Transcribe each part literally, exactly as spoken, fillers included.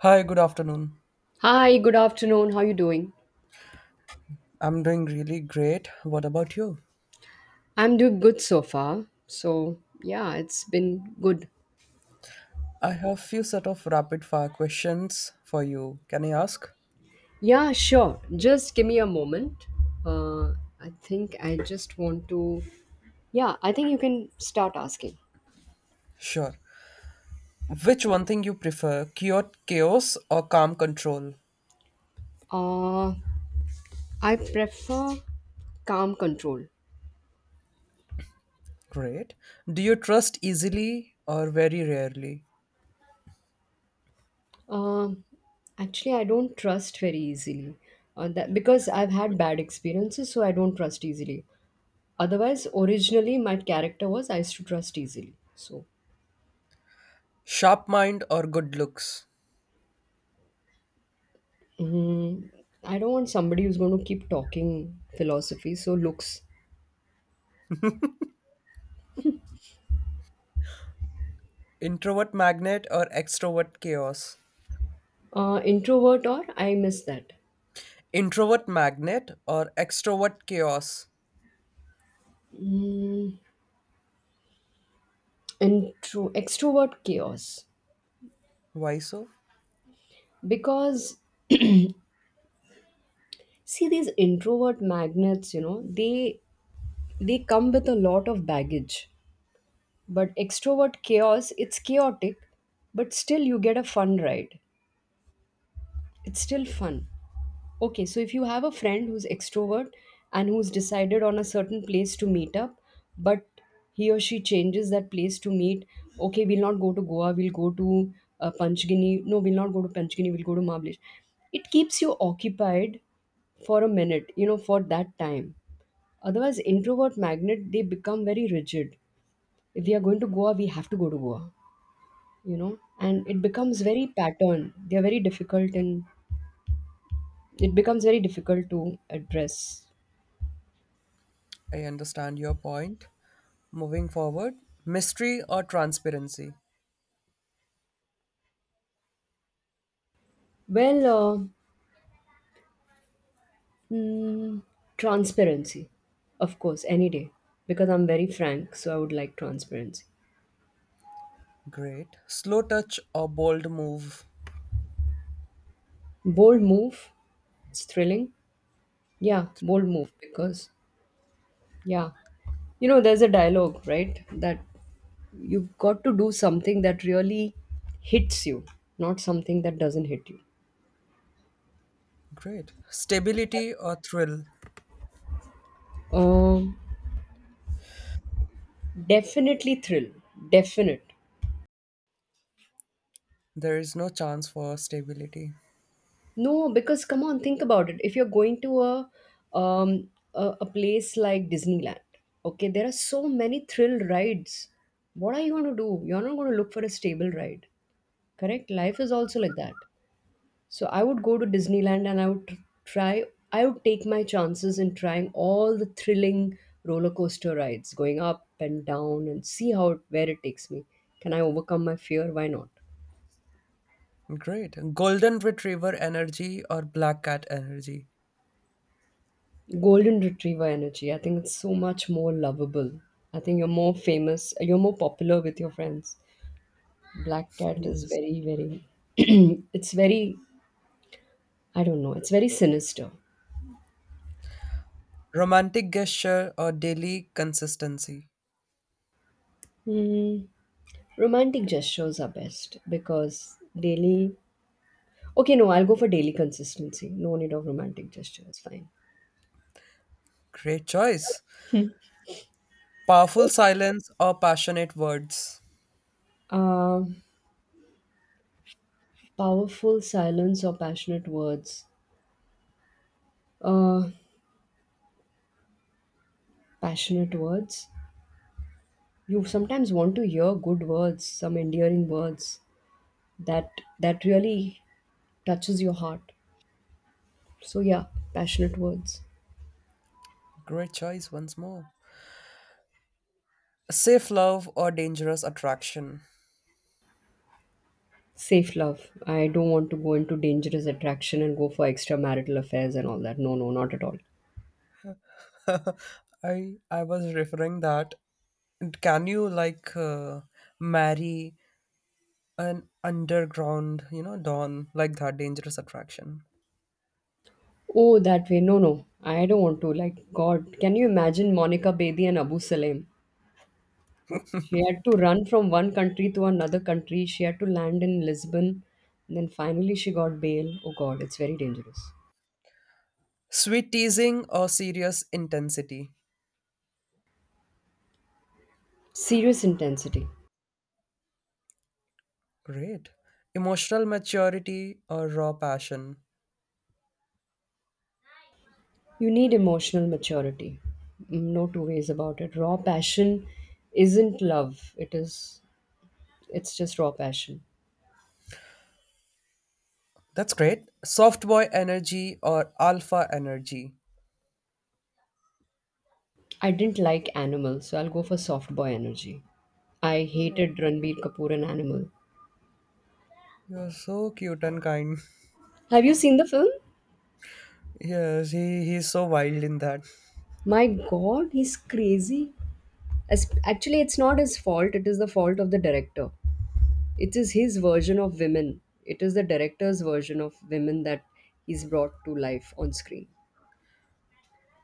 Hi, good afternoon. Hi, good afternoon. How you doing? I'm doing really great. What about you? I'm doing good so far. So, yeah, it's been good. I have few set of rapid fire questions for you. Can I ask? Yeah, sure. Just give me a moment. Uh, I think I just want to. Yeah, I think you can start asking. Sure. Which one thing you prefer, cure chaos or calm control? Uh, I prefer calm control. Great. Do you trust easily or very rarely? Um, Actually, I don't trust very easily. Uh, that, because I've had bad experiences, so I don't trust easily. Otherwise, originally my character was I used to trust easily. So Sharp mind or good looks? Mm, I don't want somebody who's going to keep talking philosophy. So looks, Introvert magnet or extrovert chaos? uh, introvert or I miss that. Introvert magnet or extrovert chaos? Mm, intro Extrovert chaos, Why so? because see these introvert magnets, you know, they they come with a lot of baggage. But extrovert chaos, it's chaotic, but still you get a fun ride. It's still fun. Okay, so if you have a friend who's extrovert and who's decided on a certain place to meet up, but he or she changes that place to meet, okay, we'll not go to Goa, we'll go to uh, Panchgini. No, we'll not go to Panchgini, we'll go to Mahabaleshwar. It keeps you occupied for a minute, you know, for that time. Otherwise, introvert magnet, they become very rigid. If we are going to Goa, we have to go to Goa, you know, and it becomes very pattern. They're very difficult and it becomes very difficult to address. I understand your point. Moving forward, mystery or transparency? Well, uh, mm, Transparency, of course, any day, because I'm very frank, so I would like transparency. Great. Slow touch or bold move? Bold move, it's thrilling. Yeah, bold move, because, yeah. You know, there's a dialogue, right? That you've got to do something that really hits you, not something that doesn't hit you. Great. Stability or thrill? Um, Definitely thrill, definite. There is no chance for stability. No, because come on, think about it. If you're going to a um a, a place like Disneyland, okay, there are so many thrill rides. What are you going to do? You're not going to look for a stable ride, correct? Life is also like that. So I would go to Disneyland and I would tr- try. I would take my chances in trying all the thrilling roller coaster rides, going up and down, and see how where it takes me. Can I overcome my fear? Why not? Great. Golden retriever energy or black cat energy? Golden retriever energy. I think it's so much more lovable. I think you're more famous, you're more popular with your friends. Black cat is Yes. very, very, it's very, I don't know, it's very sinister. Romantic gesture or daily consistency? Mm, Romantic gestures are best because daily, okay, no, I'll go for daily consistency. No need of romantic gesture, it's fine. Great choice. Powerful silence or passionate words? Uh, Powerful silence or passionate words. Uh, Passionate words. You sometimes want to hear good words, some endearing words that that really touches your heart, so yeah, passionate words. Great choice once more. Safe love or dangerous attraction? Safe love, I don't want to go into dangerous attraction and go for extramarital affairs and all that. No, no, not at all. I I was referring that. And can you like uh, marry an underground, you know, don like that dangerous attraction? Oh, that way, no, no, I don't want to. Like, God, can you imagine Monica Bedi and Abu Salem? She had to run from one country to another country. She had to land in Lisbon and then finally she got bail. Oh God, it's very dangerous. Sweet teasing or serious intensity? Serious intensity. Great. Emotional maturity or raw passion? You need emotional maturity. Mm, No two ways about it. Raw passion isn't love. It is it's just raw passion. That's great. Soft boy energy or alpha energy? I didn't like Animal, so I'll go for soft boy energy. I Oh, hated Ranbir Kapoor in Animal. you're so cute and kind. Have you seen the film? Yes, he he's so wild in that. My God, he's crazy. As, actually, it's not his fault. It is the fault of the director. It is his version of women. It is the director's version of women that he's brought to life on screen.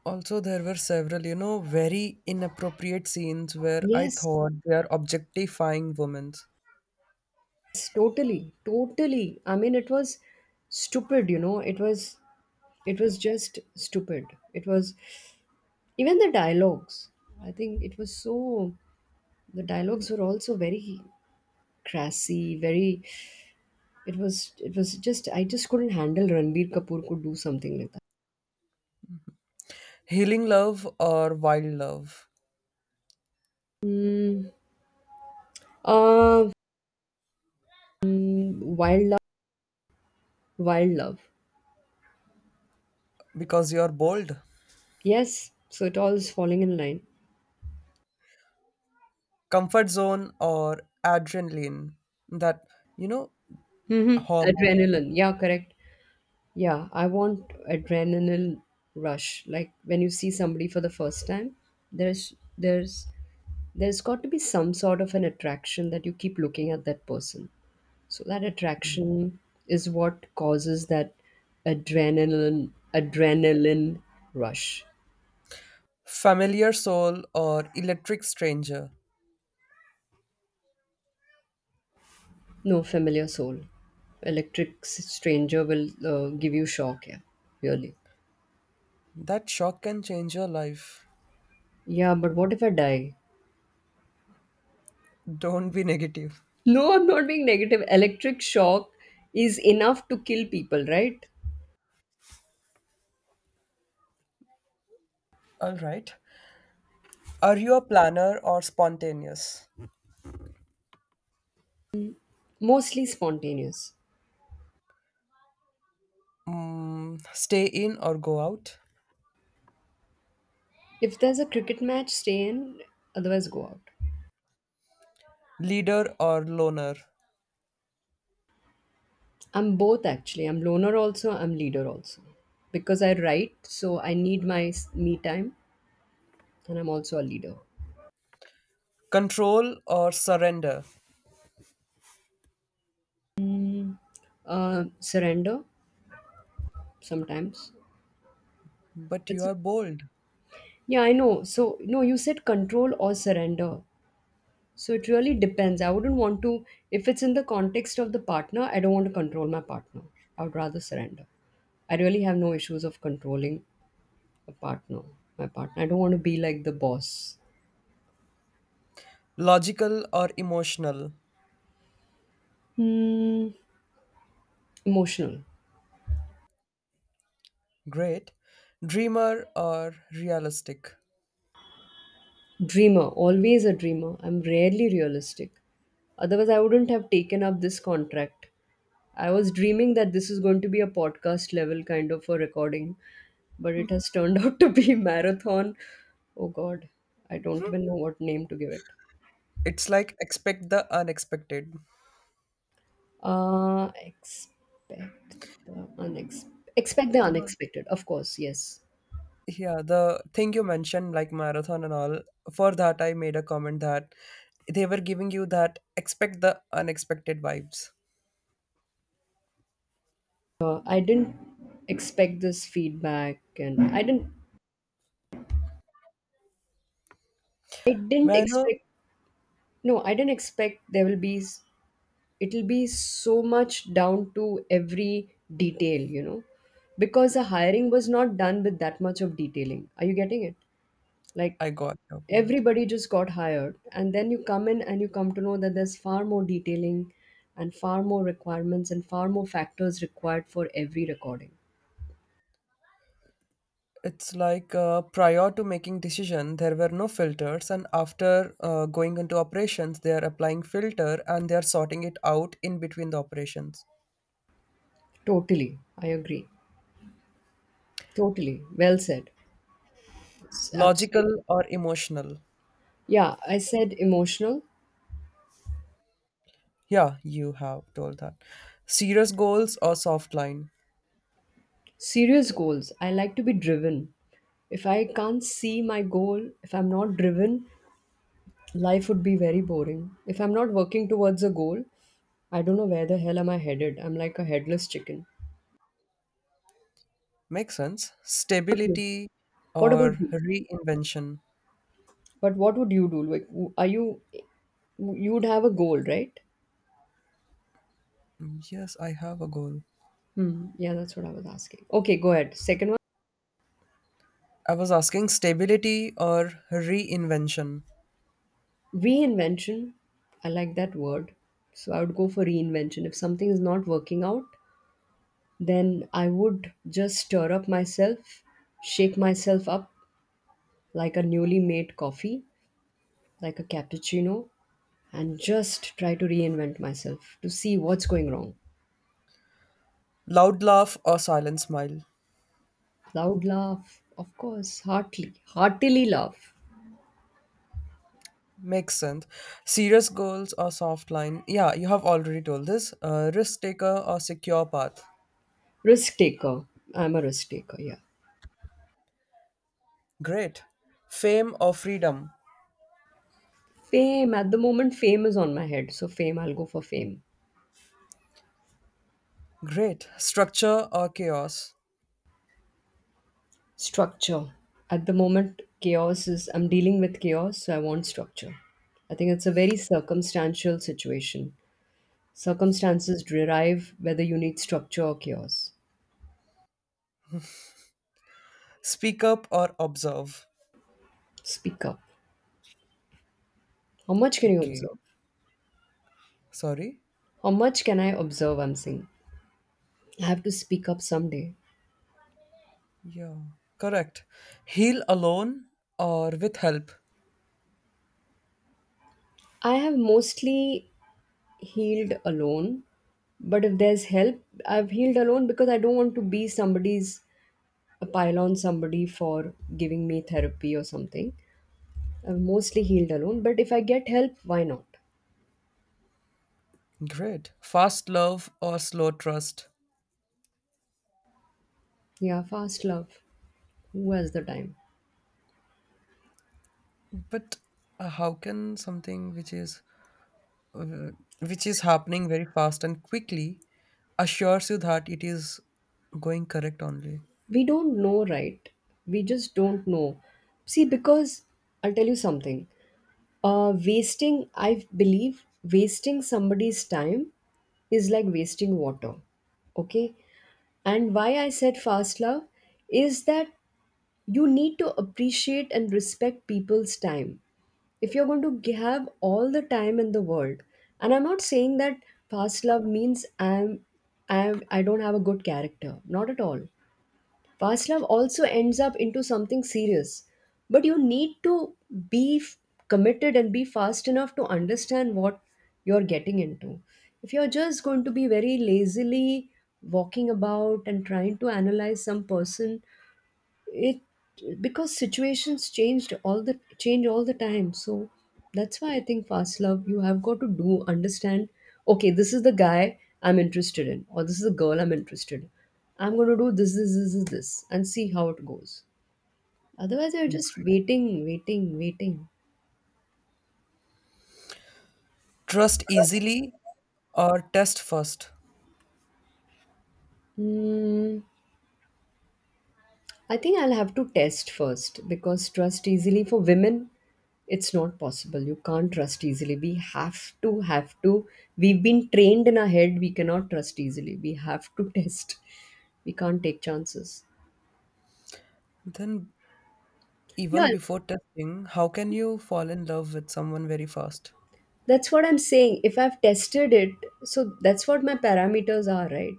Also, there were several, you know, very inappropriate scenes where I Yes, thought they are objectifying women. yes, totally, totally. I mean, it was stupid, you know. It was it was just stupid. It was even the dialogues. I think it was so the dialogues were also very crassy, very, it was it was just, I just couldn't handle Ranbir Kapoor could do something like that. Healing love or wild love? Mm, uh, mm, Wild love, wild love. Because you're bold. Yes, so it all is falling in line. Comfort zone or adrenaline? That, you know, hmm hormone. Adrenaline. Yeah, correct. Yeah, I want adrenaline rush. Like when you see somebody for the first time, there's there's there's got to be some sort of an attraction that you keep looking at that person. So that attraction is what causes that adrenaline adrenaline rush. Familiar soul or electric stranger? No, familiar soul. Electric s- stranger will uh, give you shock, yeah. Really. That shock can change your life. Yeah, but what if I die? Don't be negative. No, I'm not being negative. Electric shock is enough to kill people, right? All right. Are you a planner or spontaneous? Mostly spontaneous. Mm, stay in or go out? If there's a cricket match, stay in, otherwise go out. Leader or loner? I'm both actually. I'm loner also, I'm leader also. Because I write, so I need my s- me time, and I'm also a leader. Control or surrender? Uh, surrender sometimes. But you It's a, are bold. yeah, I know. So no, you said control or surrender. So it really depends. I wouldn't want to, if it's in the context of the partner, I don't want to control my partner. I would rather surrender. I really have no issues of controlling a partner. My partner. I don't want to be like the boss. Logical or emotional? Hmm. Emotional. Great. Dreamer or realistic? Dreamer. Always a dreamer. I'm rarely realistic. Otherwise, I wouldn't have taken up this contract. I was dreaming that this is going to be a podcast level kind of a recording, but it has turned out to be marathon. Oh God, I don't even know what name to give it. It's like expect the unexpected. Uh, expect the unex- Expect the unexpected. Of course, yes. Yeah, the thing you mentioned, like marathon and all, for that I made a comment that they were giving you that expect the unexpected vibes. uh, I didn't expect this feedback, and I didn't, I didn't May I know? expect. No, I didn't expect there will be. s- It'll be so much down to every detail, you know, because the hiring was not done with that much of detailing. Are you getting it? Like I got your point. everybody just got hired, and then you come in and you come to know that there's far more detailing, and far more requirements, and far more factors required for every recording. It's like uh, prior to making decision, there were no filters, and after uh, going into operations, they are applying filter and they are sorting it out in between the operations. Totally, I agree. Totally, well said. It's absolutely. Logical or emotional? Yeah, I said emotional. Yeah, you have told that. Serious goals or soft line? Serious goals. I like to be driven. If I can't see my goal, if I'm not driven, life would be very boring. If I'm not working towards a goal, I don't know where the hell am I headed. I'm like a headless chicken. Makes sense. Stability What about or you? reinvention? But what would you do? Like, w- are you, you would have a goal, right? Mm, yes, I have a goal. Hmm. Yeah, that's what I was asking. Okay, go ahead. Second one, I was asking stability or reinvention. reinvention. I like that word. So I would go for reinvention. If something is not working out, then I would just stir up myself, shake myself up like a newly made coffee, like a cappuccino, and just try to reinvent myself to see what's going wrong. Loud laugh or silent smile? Loud laugh, of course, heartily, heartily laugh. Makes sense. Serious goals or soft line? Yeah, you have already told this. Uh, risk taker or secure path? Risk taker. I'm a risk taker, yeah. Great. Fame or freedom? Fame. At the moment, fame is on my head, so fame, I'll go for fame. Great. Structure or chaos? Structure. At the moment, chaos is, I'm dealing with chaos, so I want structure. I think it's a very circumstantial situation. Circumstances derive whether you need structure or chaos. Speak up or observe? Speak up. How much can you Okay. observe? Sorry? How much can I observe? I'm saying. I have to speak up someday. Yeah, correct. Heal alone or with help. I have mostly healed alone, but if there's help, I've healed alone because I don't want to be somebody's, a pile on somebody for giving me therapy or something. I've mostly healed alone, but if I get help, why not? Great. Fast love or slow trust. Yeah, fast love. Who has the time? But uh, how can something which is uh, which is happening very fast and quickly assures you that it is going correct only? We don't know, right? We just don't know. See, because I'll tell you something. Uh wasting, I believe, wasting somebody's time is like wasting water. Okay, and why I said fast love is that you need to appreciate and respect people's time. If you're going to g- have all the time in the world, and I'm not saying that fast love means i'm I'm, I don't have a good character, not at all. Past love also ends up into something serious, but you need to be f- committed and be fast enough to understand what you're getting into. If you're just going to be very lazily walking about and trying to analyze some person, it, because situations changed all the change all the time. So that's why I think fast love, you have got to do understand, okay, this is the guy I'm interested in, or this is the girl I'm interested in. I'm going to do this this this this, this and see how it goes. Otherwise, you're just waiting waiting waiting. Trust easily or test first. Hmm. I think I'll have to test first because trust easily for women, it's not possible. You can't trust easily. We have to, have to. We've been trained in our head, we cannot trust easily. We have to test. We can't take chances. Then Yeah, even before testing, how can you fall in love with someone very fast? that's what I'm saying. If I've tested it, so that's what my parameters are, right?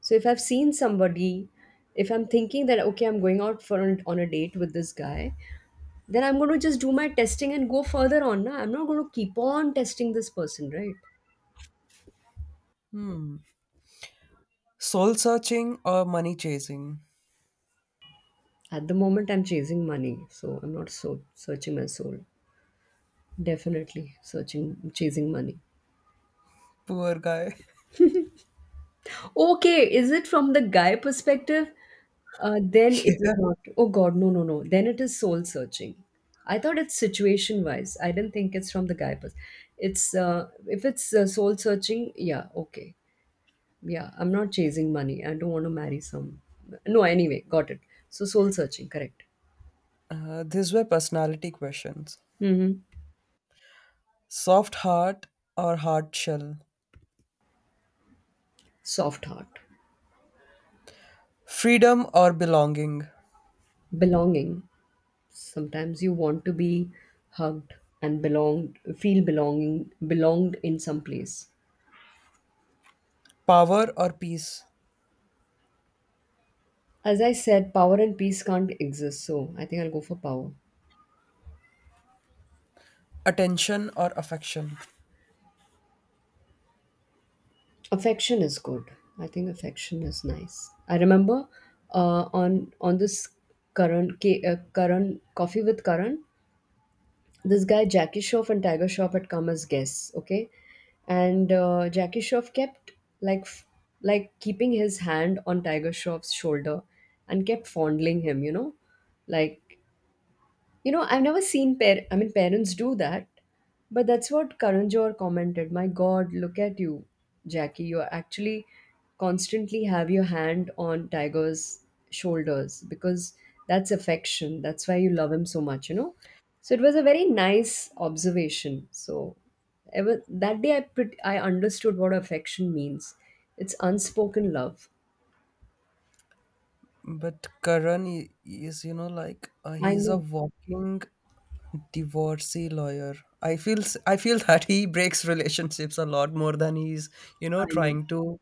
So if I've seen somebody, if I'm thinking that, okay, I'm going out for an, on a date with this guy, then I'm going to just do my testing and go further on. Na? I'm not going to keep on testing this person, right? Hmm. Soul searching or money chasing? At the moment, I'm chasing money, so I'm not so searching my soul. Definitely searching, chasing money. Poor guy. Okay, is it from the guy perspective? Uh, then it is Yeah. not. Oh God, no, no, no. Then it is soul searching. I thought it's situation wise. I didn't think it's from the guy. Pers- it's uh, if it's uh, soul searching, yeah, okay. Yeah, I'm not chasing money. I don't want to marry some. No, anyway, got it. So soul searching, correct. Uh, these were personality questions. Mm-hmm. Soft heart or hard shell? Soft heart. Freedom or belonging? Belonging. Sometimes you want to be hugged and belonged, feel belonging, belonged in some place. Power or peace? As I said, power and peace can't exist, so I think I'll go for power. Attention or affection? Affection is good. I think affection is nice. I remember uh, on on this current uh, Karan coffee with Karan, this guy Jackie Shroff and Tiger Shroff had come as guests, okay? And uh, Jackie Shroff kept like f- like keeping his hand on Tiger Shroff's shoulder and kept fondling him, you know, like you know, I've never seen par- I mean parents do that, but that's what Karan Johar commented. My God, look at you, Jackie. You actually constantly have your hand on Tiger's shoulders because that's affection. That's why you love him so much, you know. So it was a very nice observation. So ever that day I pret- I understood what affection means. It's unspoken love. But Karan i- is, you know, like uh, I he's a know. walking divorcee lawyer. I feel s- I feel that he breaks relationships a lot more than he's, you know, I know. trying to.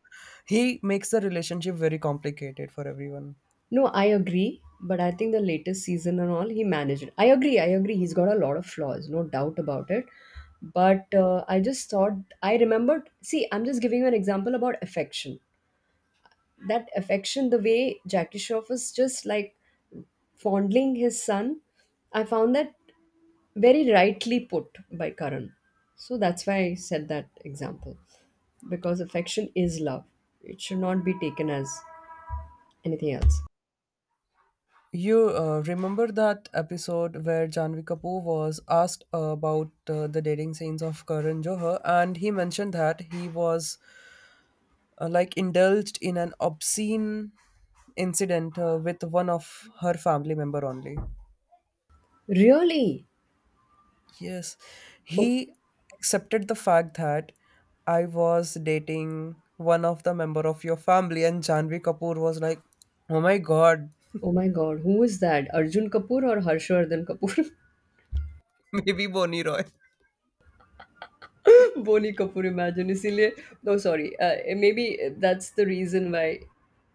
He makes the relationship very complicated for everyone. No, I agree, but I think the latest season and all, he managed. I agree, I agree. He's got a lot of flaws, no doubt about it. But uh, I just thought, I remembered. See, I'm just giving you an example about affection. That affection, the way Jackie Shroff was just like fondling his son, I found that very rightly put by Karan. So that's why I said that example. Because affection is love, it should not be taken as anything else. You uh, remember that episode where Janvi Kapoor was asked about uh, the dating scenes of Karan Johar, and he mentioned that he was uh, like indulged in an obscene incident uh, with one of her family member only. Really? Yes, he accepted the fact that I was dating one of the member of your family, and Janvi Kapoor was like, "Oh my God, Oh my god, who is that? Arjun Kapoor or Harshvardhan Kapoor? maybe Boni Roy." Boni Kapoor, imagine. इसीलिए no, sorry. Uh, maybe that's the reason why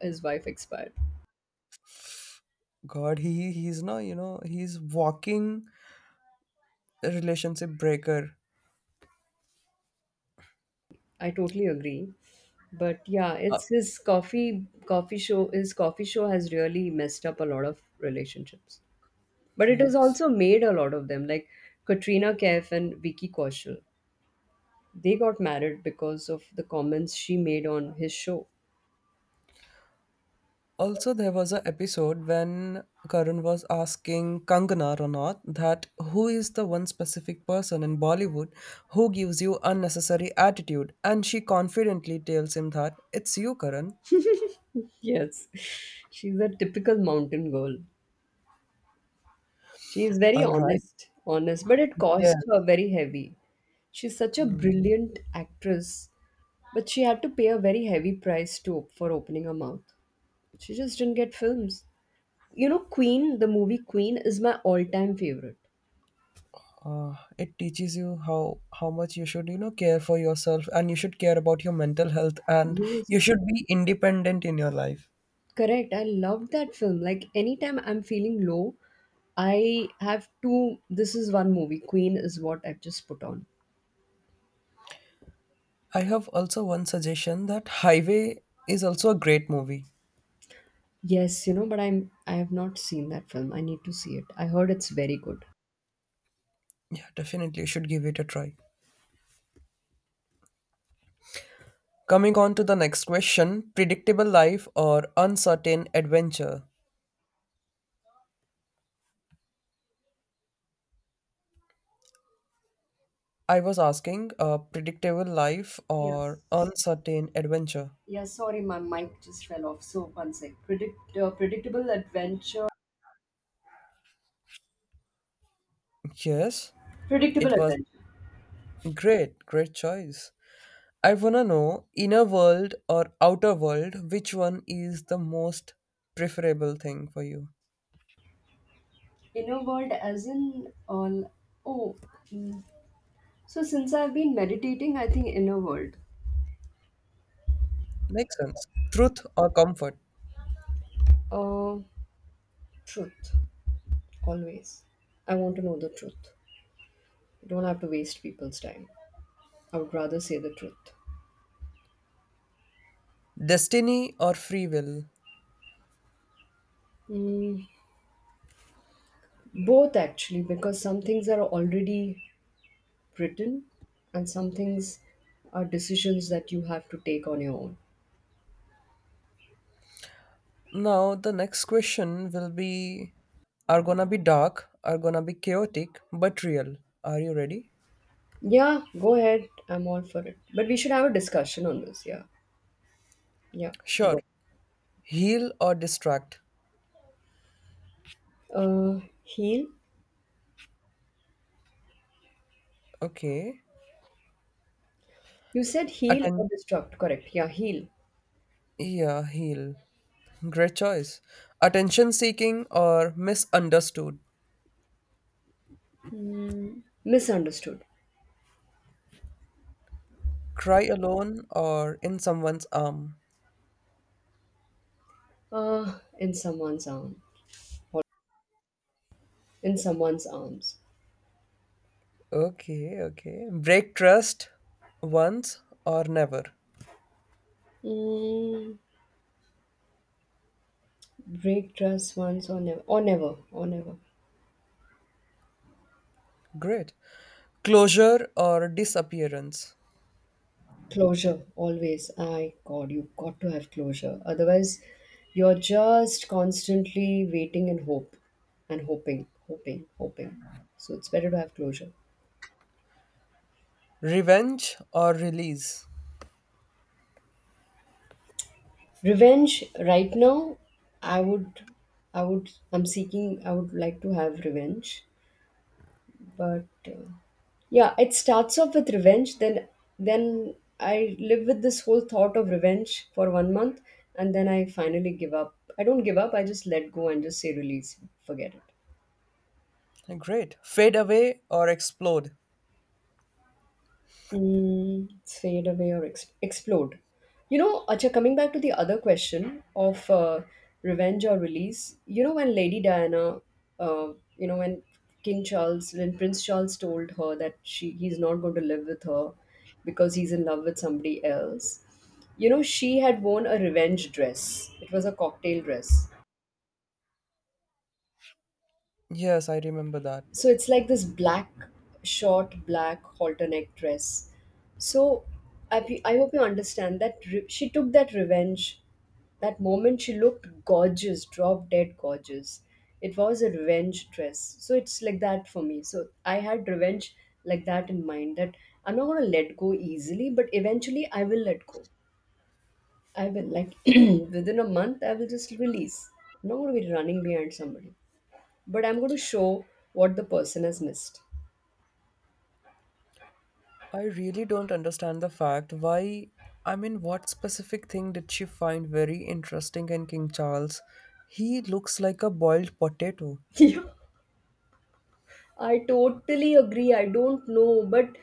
his wife expired. God, he he's no, you know, he's walking relationship breaker. I totally agree. But yeah, Uh, it's his coffee coffee show. His coffee show has really messed up a lot of relationships. But it has yes. also made a lot of them, like Katrina Kaif and Vicky Kaushal. They got married because of the comments she made on his show. Also, there was an episode when Karan was asking Kangana Ranaut that who is the one specific person in Bollywood who gives you unnecessary attitude, and she confidently tells him that it's you, Karan. Yes, she's a typical mountain girl. She's very All right. honest, honest, but it Yes. cost her very heavy. She's such a Hmm. brilliant actress, but she had to pay a very heavy price to op- for opening her mouth. She just didn't get films. You know, Queen, the movie Queen is my all-time favorite. Uh, it teaches you how how much you should, you know, care for yourself, and you should care about your mental health and Yes, you should be independent in your life. correct. I loved that film. Like anytime I'm feeling low, I have two. This is one movie. Queen is what I've just put on. I have also one suggestion that Highway is also a great movie. Yes, you know, but I'm I have not seen that film. I need to see it. I heard it's very good. Yeah, definitely, you should give it a try. Coming on to the next question, predictable life or uncertain adventure? I was asking uh, predictable life or Yes. uncertain adventure. Yeah, sorry, my mic just fell off. So one sec. Predict uh, predictable adventure. Yes, Predictable it was adventure. great, great choice. I wanna know inner world or outer world, which one is the most preferable thing for you? Inner world, as in all. Oh, mm. So since I've been meditating, I think inner world. Makes sense. Truth or comfort? Uh, truth. Always. I want to know the truth. I don't have to waste people's time. I would rather say the truth. Destiny or free will? Mm, both actually, because some things are already written, and some things are decisions that you have to take on your own. Now, the next question will be, are gonna be dark, are gonna be chaotic, but real. Are you ready? Yeah, go ahead. I'm all for it. But we should have a discussion on this. Yeah. Yeah. Sure. Go. Heal or distract? Uh, heal. Okay. You said heal Atten- or destruct. Correct. Yeah, heal. yeah, heal. Great choice. Attention seeking or misunderstood? Misunderstood. Cry alone or in someone's arm? Uh, in someone's arm. Or in someone's arms. Okay, okay. Break trust once or never? Mm, break trust once or never. Or never. Or never. Great. Closure or disappearance? Closure. Always. I God, you got to have closure. Otherwise, you're just constantly waiting and hope and hoping, hoping, hoping. So it's better to have closure. Revenge or release? Revenge right now, I would, I would, I'm seeking, I would like to have revenge, but uh, yeah, it starts off with revenge. Then, then I live with this whole thought of revenge for one month, and then I finally give up. I don't give up. I just let go and just say release, forget it. Great. Fade away or explode? Mm, fade away or ex- explode. You know, Acha, coming back to the other question of uh, revenge or release, you know, when Lady Diana, uh, you know, when King Charles, when Prince Charles told her that she he's not going to live with her because he's in love with somebody else, you know, she had worn a revenge dress. It was a cocktail dress. Yes, I remember that. So it's like this black short black halter neck dress. So i, pe- I hope you understand that re- she took that revenge. That moment she looked gorgeous, drop dead gorgeous. It was a revenge dress. So it's like that for me. So I had revenge like that in mind, that I'm not going to let go easily, but eventually I will let go. I will like within a month I will just release. I'm not going to be running behind somebody, but I'm going to show what the person has missed. I really don't understand the fact why. I mean, what specific thing did she find very interesting in King Charles? He looks like a boiled potato. Yeah, I totally agree. I don't know, but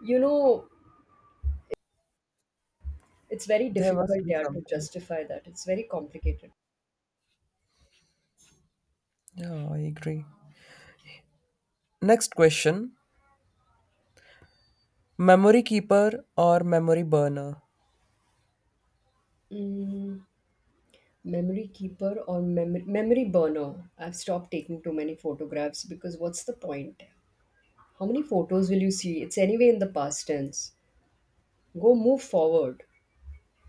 you know, it's very There must difficult be yeah, to something. justify that. It's very complicated. Yeah, I agree. Next question. Memory keeper or memory burner? Mm, memory keeper or memory memory burner. I've stopped taking too many photographs because what's the point? How many photos will you see? It's anyway in the past tense. Go move forward.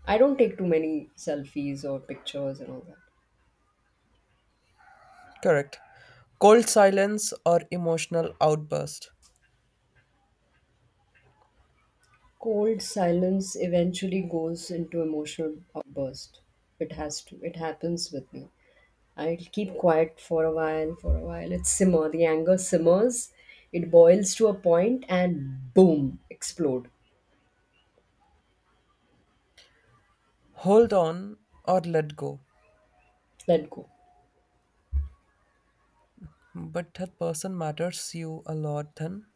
I don't take too many selfies or pictures and all that. Correct. Cold silence or emotional outburst? Cold silence eventually goes into emotional outburst. It has to. It happens with me. I'll keep quiet for a while, for a while. It simmer. The anger simmers, it boils to a point, and boom, explode. Hold on or let go? Let go. But that person matters you a lot then.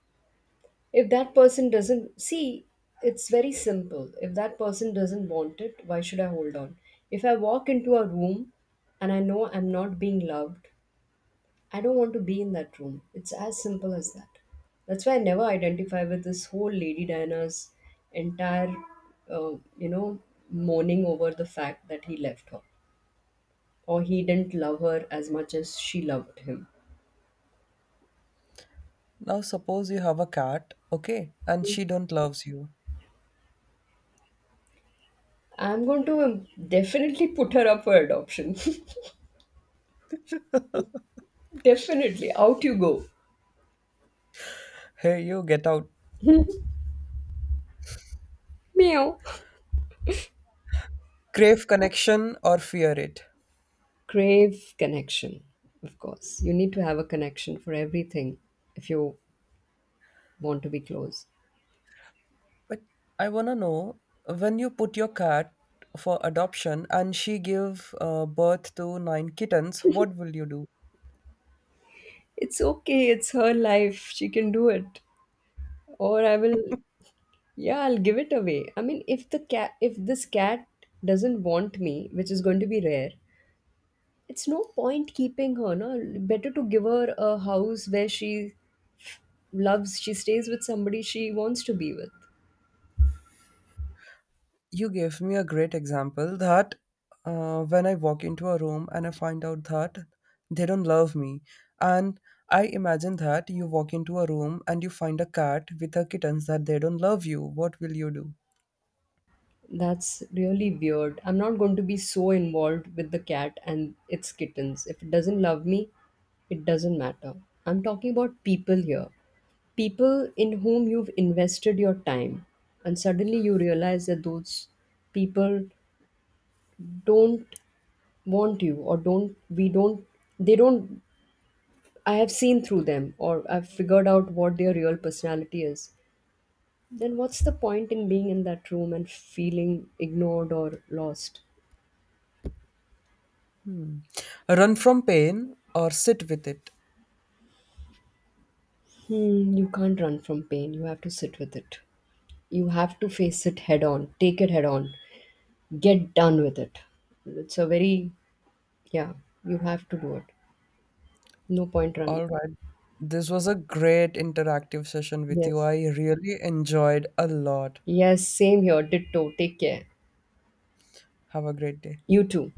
If that person doesn't see, it's very simple. If that person doesn't want it, why should I hold on? If I walk into a room and I know I'm not being loved, I don't want to be in that room. It's as simple as that. That's why I never identify with this whole Lady Diana's entire, uh, you know, mourning over the fact that he left her or he didn't love her as much as she loved him. Now suppose you have a cat, okay, and she don't loves you. I'm going to um, definitely put her up for adoption. Definitely. Out you go. Here you get out. Meow. Crave connection or fear it. Crave connection, of course. You need to have a connection for everything if you want to be close. But I wanna know, when you put your cat for adoption and she give uh, birth to nine kittens, what will you do? It's okay, it's her life. She can do it. or I will, yeah, I'll give it away. I mean, if the cat, if this cat doesn't want me, which is going to be rare, it's no point keeping her. No, better to give her a house where she loves, she stays with somebody she wants to be with. You gave me a great example that uh, when I walk into a room and I find out that they don't love me. And I imagine that you walk into a room and you find a cat with her kittens that they don't love you. What will you do? That's really weird. I'm not going to be so involved with the cat and its kittens. If it doesn't love me, it doesn't matter. I'm talking about people here. People in whom you've invested your time and suddenly you realize that those people don't want you or don't we don't they don't. I have seen through them, or I've figured out what their real personality is. Then what's the point in being in that room and feeling ignored or lost? Hmm. Run from pain or sit with it. Hmm, you can't run from pain. You have to sit with it. You have to face it head on, take it head on, get done with it. It's a very yeah, you have to do it. No point running. All right. This was a great interactive session with you. Yes. I really enjoyed a lot. Yes, same here. Ditto. Take care. Have a great day. You too.